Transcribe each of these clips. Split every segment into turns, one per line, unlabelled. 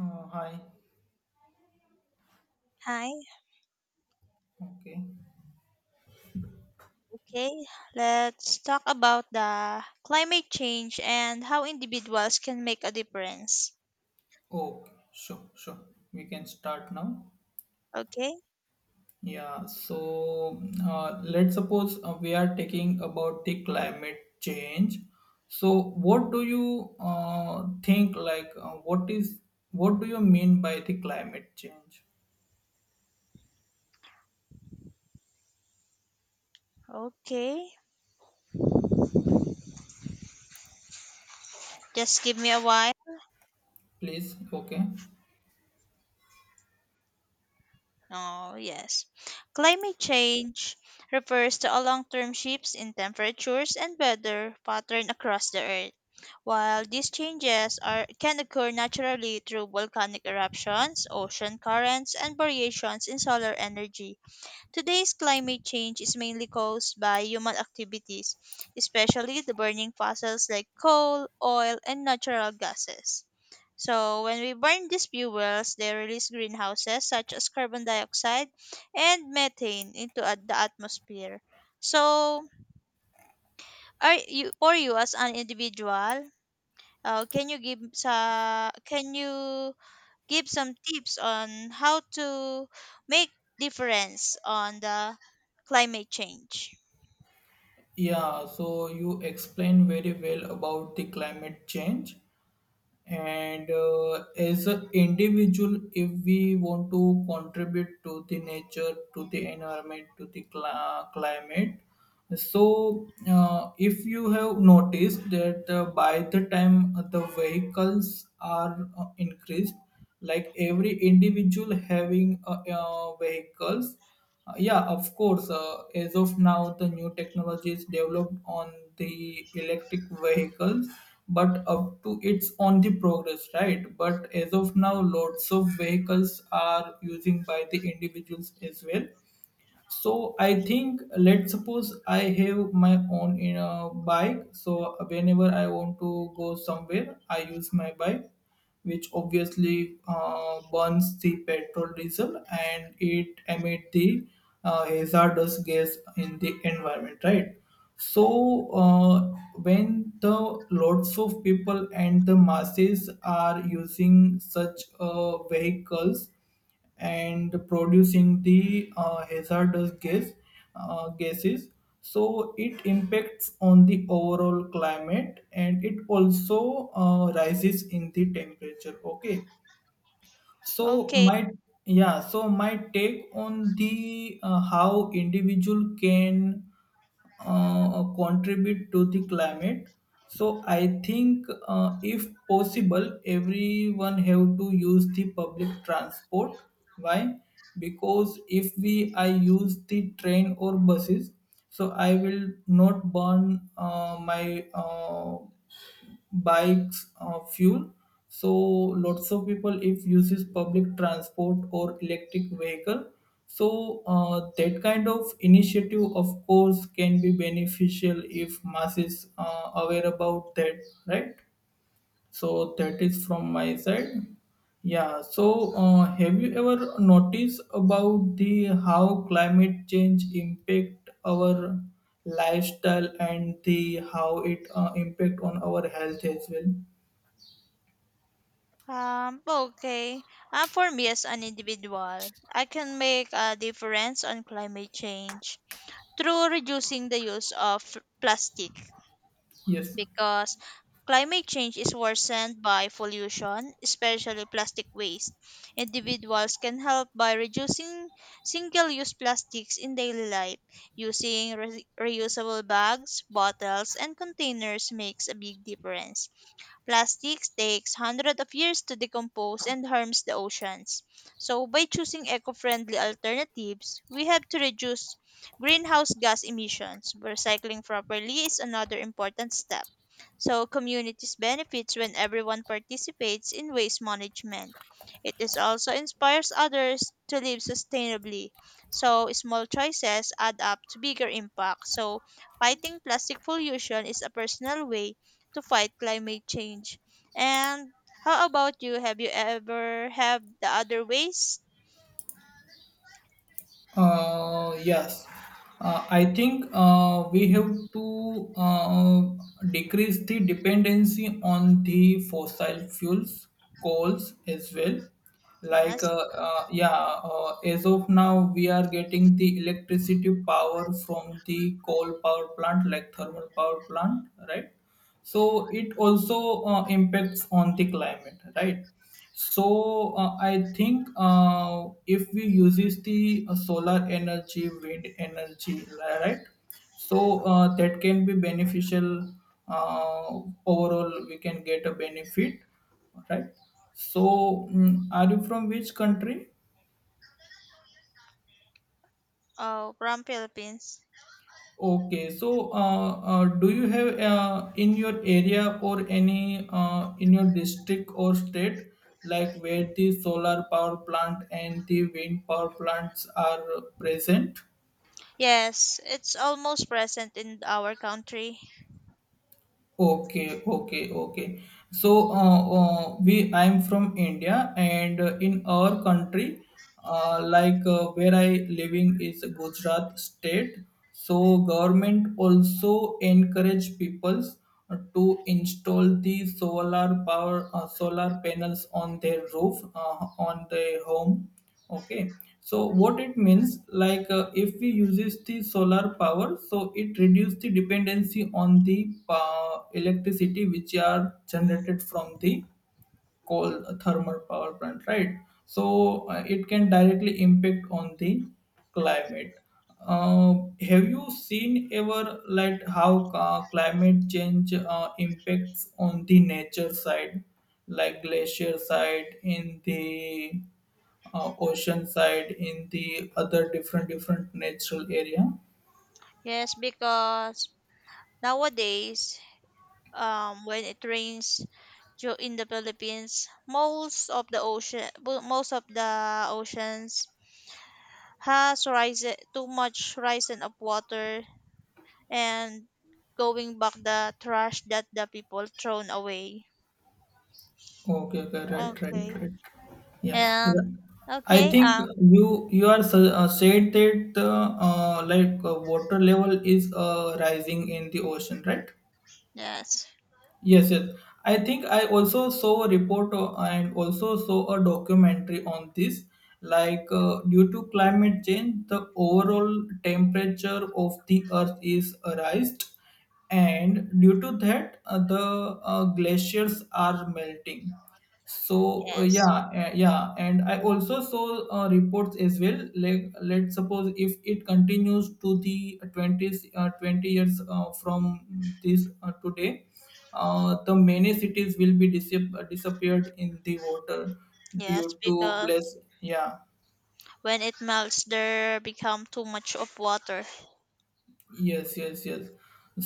Hi.
Hi.
Okay.
Okay, let's talk about the climate change and how individuals can make a difference.
Okay. Sure. Sure. We can start now.
Okay?
Yeah. So let's suppose we are talking about the climate change. So what do you think? Like, what is what do you mean by the climate change?
Okay. Just give me a while.
Please. Okay.
Oh, yes. Climate change refers to a long-term shifts in temperatures and weather pattern across the earth. While these changes are can occur naturally through volcanic eruptions, ocean currents, and variations in solar energy. Today's climate change is mainly caused by human activities, especially the burning fossils like coal, oil, and natural gases. So, when we burn these fuels, they release greenhouses such as carbon dioxide and methane into the atmosphere. So, are you for you as an individual, can you give sa can you give some tips on how to make difference on the climate change.
Yeah. So you explain very well about the climate change. And as an individual, if we want to contribute to the nature, to the environment, to the cla climate, so if you have noticed that by the time the vehicles are increased, like every individual having vehicles. Yeah, of course. As of now, the new technology is developed on the electric vehicles, but up to it's on the progress, right? But as of now, lots of vehicles are using by the individuals as well. So I think, let's suppose I have my own in a bike, so whenever I want to go somewhere, I use my bike, which obviously burns the petrol diesel and it emit the hazardous gas in the environment, right? So when the lots of people and the masses are using such vehicles and producing the hazardous gases, so it impacts on the overall climate and it also rises in the temperature. Okay. so
Okay.
my yeah, so my take on the how individual can contribute to the climate. So I think, if possible, everyone have to use the public transport. Why? Because if we I use the train or buses, so I will not burn my bikes, fuel. So lots of people if uses public transport or electric vehicle. So that kind of initiative, of course, can be beneficial if masses aware about that, right? So that is from my side. Yeah. So have you ever noticed about the how climate change impact our lifestyle and the how it impact on our health as well?
Um, okay. For me as an individual, I can make a difference on climate change through reducing the use of plastic,
Yes.
because climate change is worsened by pollution, especially plastic waste. Individuals can help by reducing single use plastics in daily life. Using reusable bags, bottles, and containers makes a big difference. Plastics takes hundreds of years to decompose and harms the oceans. So by choosing eco-friendly alternatives, we have to reduce greenhouse gas emissions. Recycling properly is another important step. So communities benefits when everyone participates in waste management. It is also inspires others to live sustainably. So small choices add up to bigger impact. So fighting plastic pollution is a personal way to fight climate change. And how about you? Have you ever have the other ways?
Yes, I think we have to decrease the dependency on the fossil fuels, coals as well. Like,
Yes.
yeah, as of now, we are getting the electricity power from the coal power plant, like thermal power plant, right? So it also impacts on the climate, right? So I think if we uses the solar energy, wind energy, right? So that can be beneficial. Overall, we can get a benefit, right? So are you from which country?
Oh, from Philippines.
Okay, so do you have in your area or any in your district or state, like where the solar power plant and the wind power plants are present?
Yes, it's almost present in our country.
Okay, okay, okay. So, we I'm from India, and in our country, like where I living is Gujarat state. So, government also encourage peoples to install the solar power solar panels on their roof on their home. Okay, so what it means, like, if we uses the solar power, so it reduce the dependency on the electricity which are generated from the coal thermal power plant, right? So it can directly impact on the climate. uh, have you seen ever, like how climate change impacts on the nature side, like glacier side, in the ocean side, in the other different different natural area?
Yes, because nowadays, when it rains in the Philippines, most of the ocean, most of the oceans has rise too much rising of water and going back the trash that the people thrown away.
Okay, okay, right, right,
Okay.
right. Yeah,
And
I
okay,
think
um,
you are said that like water level is rising in the ocean, right?
yes,
Yes, yes. I think I also saw a report and also saw a documentary on this. Like due to climate change, the overall temperature of the Earth is raised, and due to that, the glaciers are melting. So
yes.
yeah, and I also saw reports as well. Like, let's suppose if it continues to the 20 years from this today, the many cities will be disappeared in the water
Yes,
due to less,
because
yeah.
when it melts there become too much of water.
Yes, yes, yes.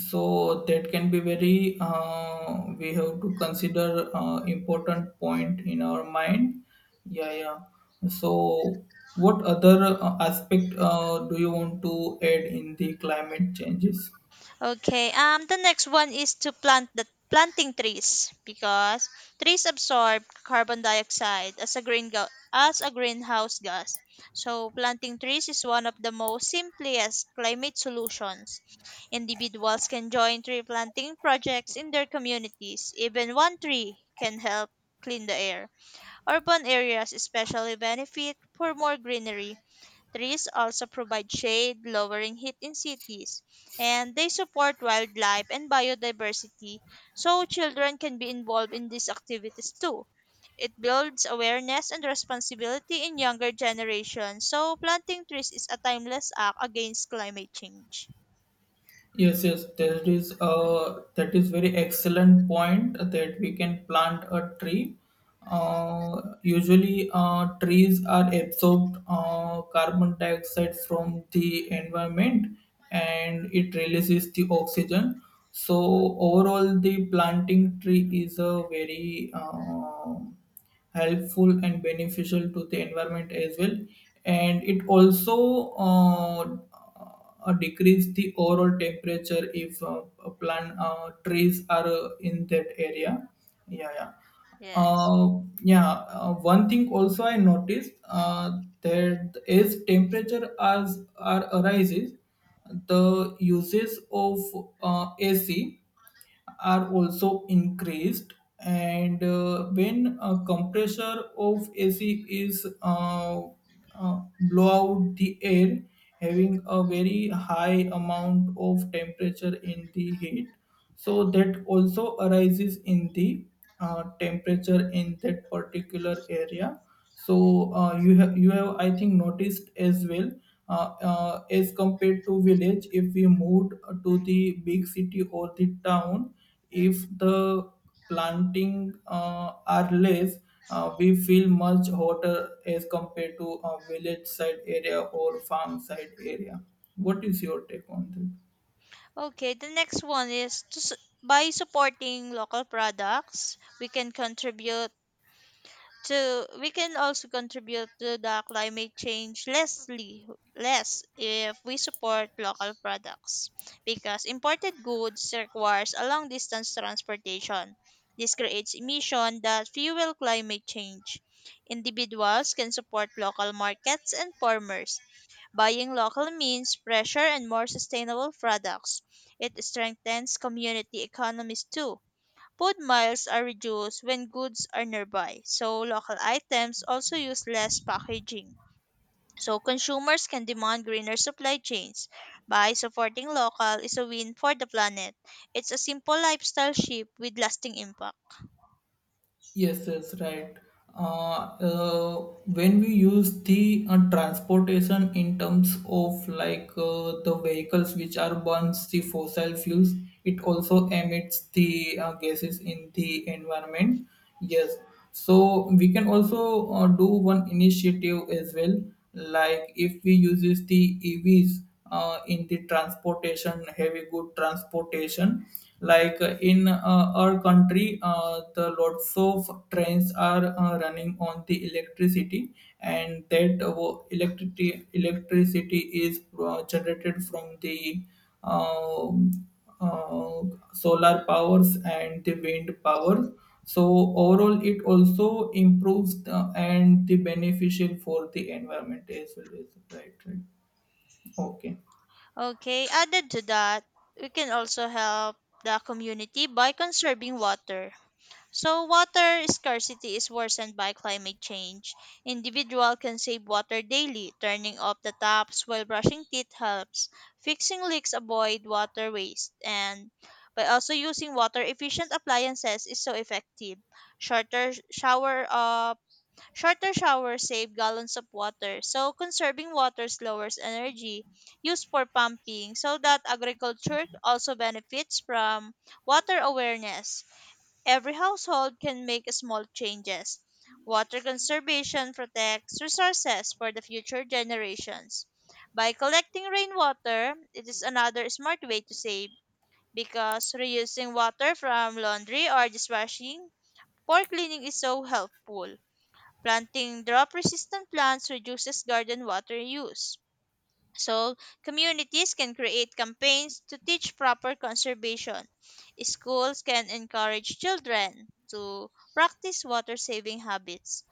So that can be very. We have to consider important point in our mind. Yeah, yeah. So, what other aspect do you want to add in the climate changes?
Okay. The next one is to planting trees because trees absorb carbon dioxide as a as a greenhouse gas. So planting trees is one of the most simplest climate solutions. Individuals can join tree planting projects in their communities. Even one tree can help clean the air. Urban areas especially benefit for more greenery. Trees also provide shade, lowering heat in cities, and they support wildlife and biodiversity, so children can be involved in these activities too. It builds awareness and responsibility in younger generations, so planting trees is a timeless act against climate change.
Yes, yes, that is very excellent point that we can plant a tree. Usually, trees are absorbed carbon dioxide from the environment and it releases the oxygen. So overall, the planting tree is a very helpful and beneficial to the environment as well, and it also decrease the overall temperature if a plant trees are in that area, yeah, yeah.
Yes.
Uh, yeah, one thing also I noticed that as temperature as are arises, the uses of AC are also increased, and when a compressor of AC is blow out the air having a very high amount of temperature in the heat, so that also arises in the temperature in that particular area. So you have I think noticed as well, as compared to village, if we moved to the big city or the town, if the planting are less, we feel much hotter as compared to a village side area or farm side area. What is your take on that?
Okay, the next one is to, by supporting local products, we can contribute. So we can also contribute to the climate change less if we support local products because imported goods requires a long distance transportation. This creates emission that fuel climate change. Individuals can support local markets and farmers. Buying local means fresher and more sustainable products. It strengthens community economies too. Food miles are reduced when goods are nearby, so local items also use less packaging. So consumers can demand greener supply chains. By supporting local is a win for the planet. It's a simple lifestyle shift with lasting impact.
Yes, yes, right. Uh, uh, when we use the transportation in terms of like the vehicles which are burns the fossil fuels, it also emits the gases in the environment. Yes, so we can also do one initiative as well, like if we uses the EVs in the transportation, heavy good transportation, like in our country, the lots of trains are running on the electricity, and that electricity is generated from the um uh, solar powers and the wind powers. So overall, it also improves the, and the beneficial for the environment as well as right. Right. Okay.
Okay, added to that, we can also help the community by conserving water. So, water scarcity is worsened by climate change. Individual can save water daily. Turning off the taps while brushing teeth helps. Fixing leaks avoid water waste. And by also using water efficient appliances is so effective. Shorter shower uh, Shorter showers save gallons of water. So conserving water lowers energy used for pumping so that agriculture also benefits from water awareness. Every household can make small changes. Water conservation protects resources for the future generations. By collecting rainwater, it is another smart way to save because reusing water from laundry or dishwashing for cleaning is so helpful. Planting drop resistant plants reduces garden water use. So, communities can create campaigns to teach proper conservation. Schools can encourage children to practice water saving habits.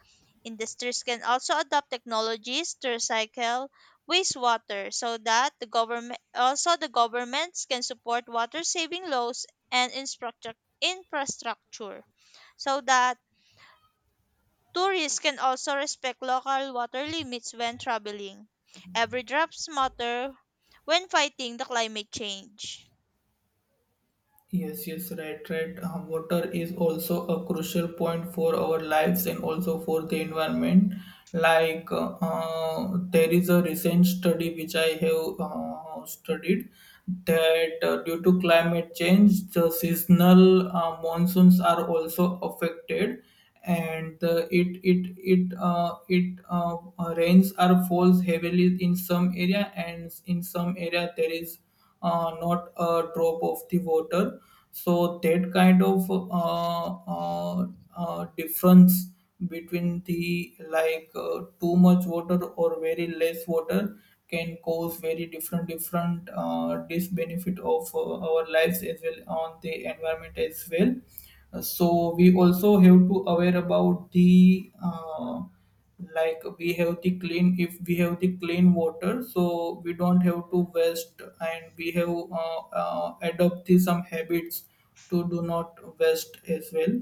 Industries can also adopt technologies to recycle wastewater so that the governments can support water saving laws and infrastructure so that tourists can also respect local water limits when traveling. Every drops matter when fighting the climate change.
Yes, yes, right, right. Water is also a crucial point for our lives and also for the environment. Like, there is a recent study which I have studied that due to climate change, the seasonal monsoons are also affected, and it it it it rains are falls heavily in some area, and in some area there is not a drop of the water. So that kind of difference between the, like too much water or very less water, can cause very different different disbenefit of our lives as well, on the environment as well. So we also have to aware about the like we have the clean, if we have the clean water, so we don't have to waste, and we have adopt the some habits to do not waste as well.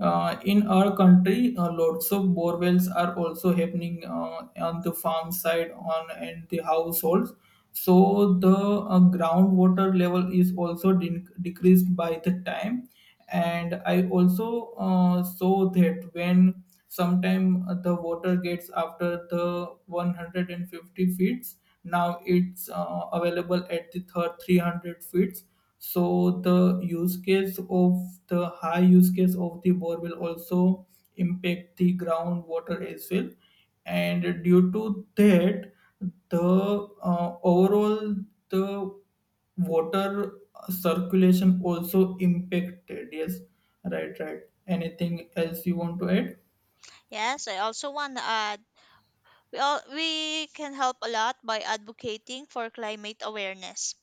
Uh, in our country, lots of bore wells are also happening on the farm side on and the households. So the groundwater level is also decreased by the time. And I also saw that when sometime the water gets after the 150 feet, now it's available at the third 300 feet. So the use case of the high use case of the bore will also impact the groundwater as well. And due to that, the overall the water circulation also impacted. Yes, right, right. Anything else you want to add?
Yes, I also want to add we all, we can help a lot by advocating for climate awareness.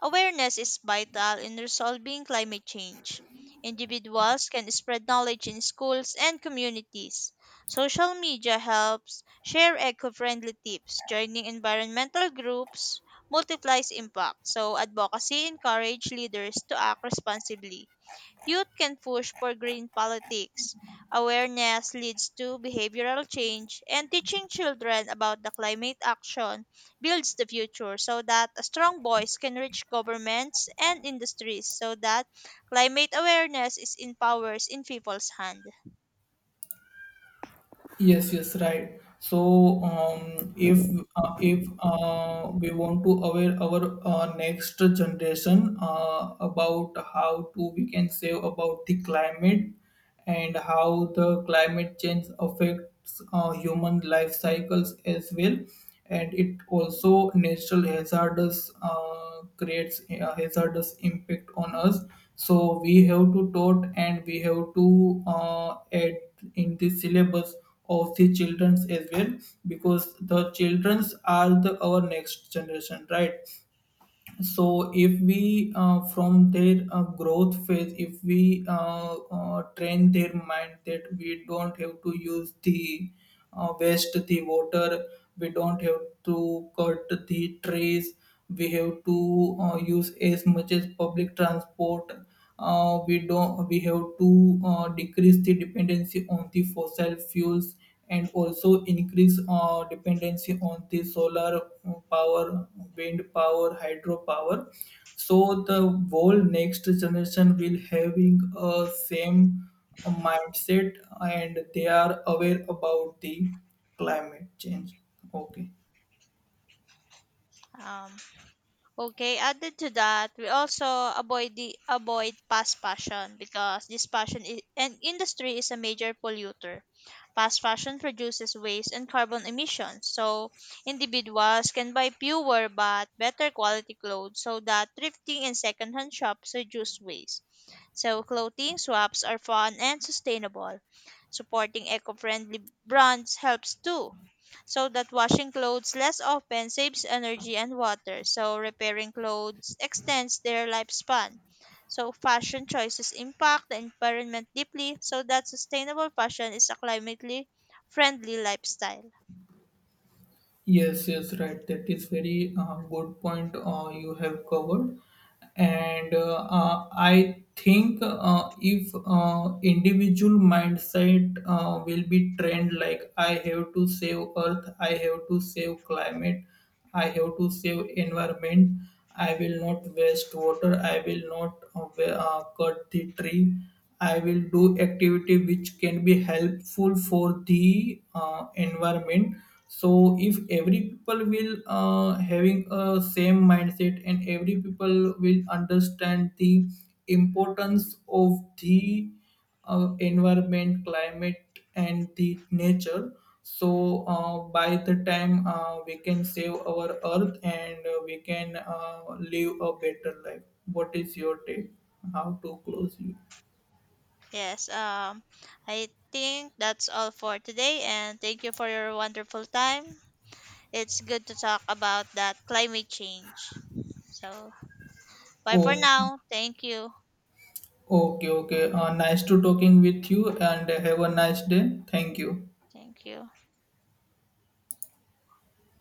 Awareness is vital in resolving climate change. Individuals can spread knowledge in schools and communities. Social media helps share eco friendly tips. Joining environmental groups multiplies impact. So, advocacy encourages leaders to act responsibly. Youth can push for green politics. Awareness leads to behavioral change, and teaching children about the climate action builds the future so that a strong voice can reach governments and industries so that climate awareness is in powers in people's hand.
Yes, yes, right. So, if we want to aware our next generation about how to we can save about the climate, and how the climate change affects human life cycles as well, and it also natural hazardous creates a hazardous impact on us. So we have to taught, and we have to add in the syllabus of the childrens as well, because the childrens are the our next generation, right? So if we from their growth phase, if we train their mind that we don't have to use the waste the water, we don't have to cut the trees, we have to use as much as public transport. We don't we have to decrease the dependency on the fossil fuels, and also increase dependency on the solar power, wind power, hydropower. So the whole next generation will having a same mindset, and they are aware about the climate change. Okay.
Um, Okay, added to that, we also avoid fast fashion because this fashion I- and industry is a major polluter. Fast fashion produces waste and carbon emissions, so individuals can buy fewer but better quality clothes so that thrifting and secondhand shops reduce waste. So clothing swaps are fun and sustainable. Supporting eco-friendly brands helps too so that washing clothes less often saves energy and water. So repairing clothes extends their lifespan. So fashion choices impact the environment deeply so that sustainable fashion is a climately friendly lifestyle.
Yes, yes, right. That is very good point you have covered, and I think if individual mindset will be trained, like I have to save Earth, I have to save climate, I have to save environment, I will not waste water, I will not cut the tree. I will do activity which can be helpful for the environment. So if every people will having a same mindset, and every people will understand the importance of the environment, climate, and the nature. So by the time we can save our earth, and we can live a better life. What is your take? How to close you?
Yes, I think that's all for today and thank you for your wonderful time. It's good to talk about that climate change. So bye for
Oh,
now. Thank you.
okay, okay. Nice to talking with you and have a nice day. Thank you.
Thank you.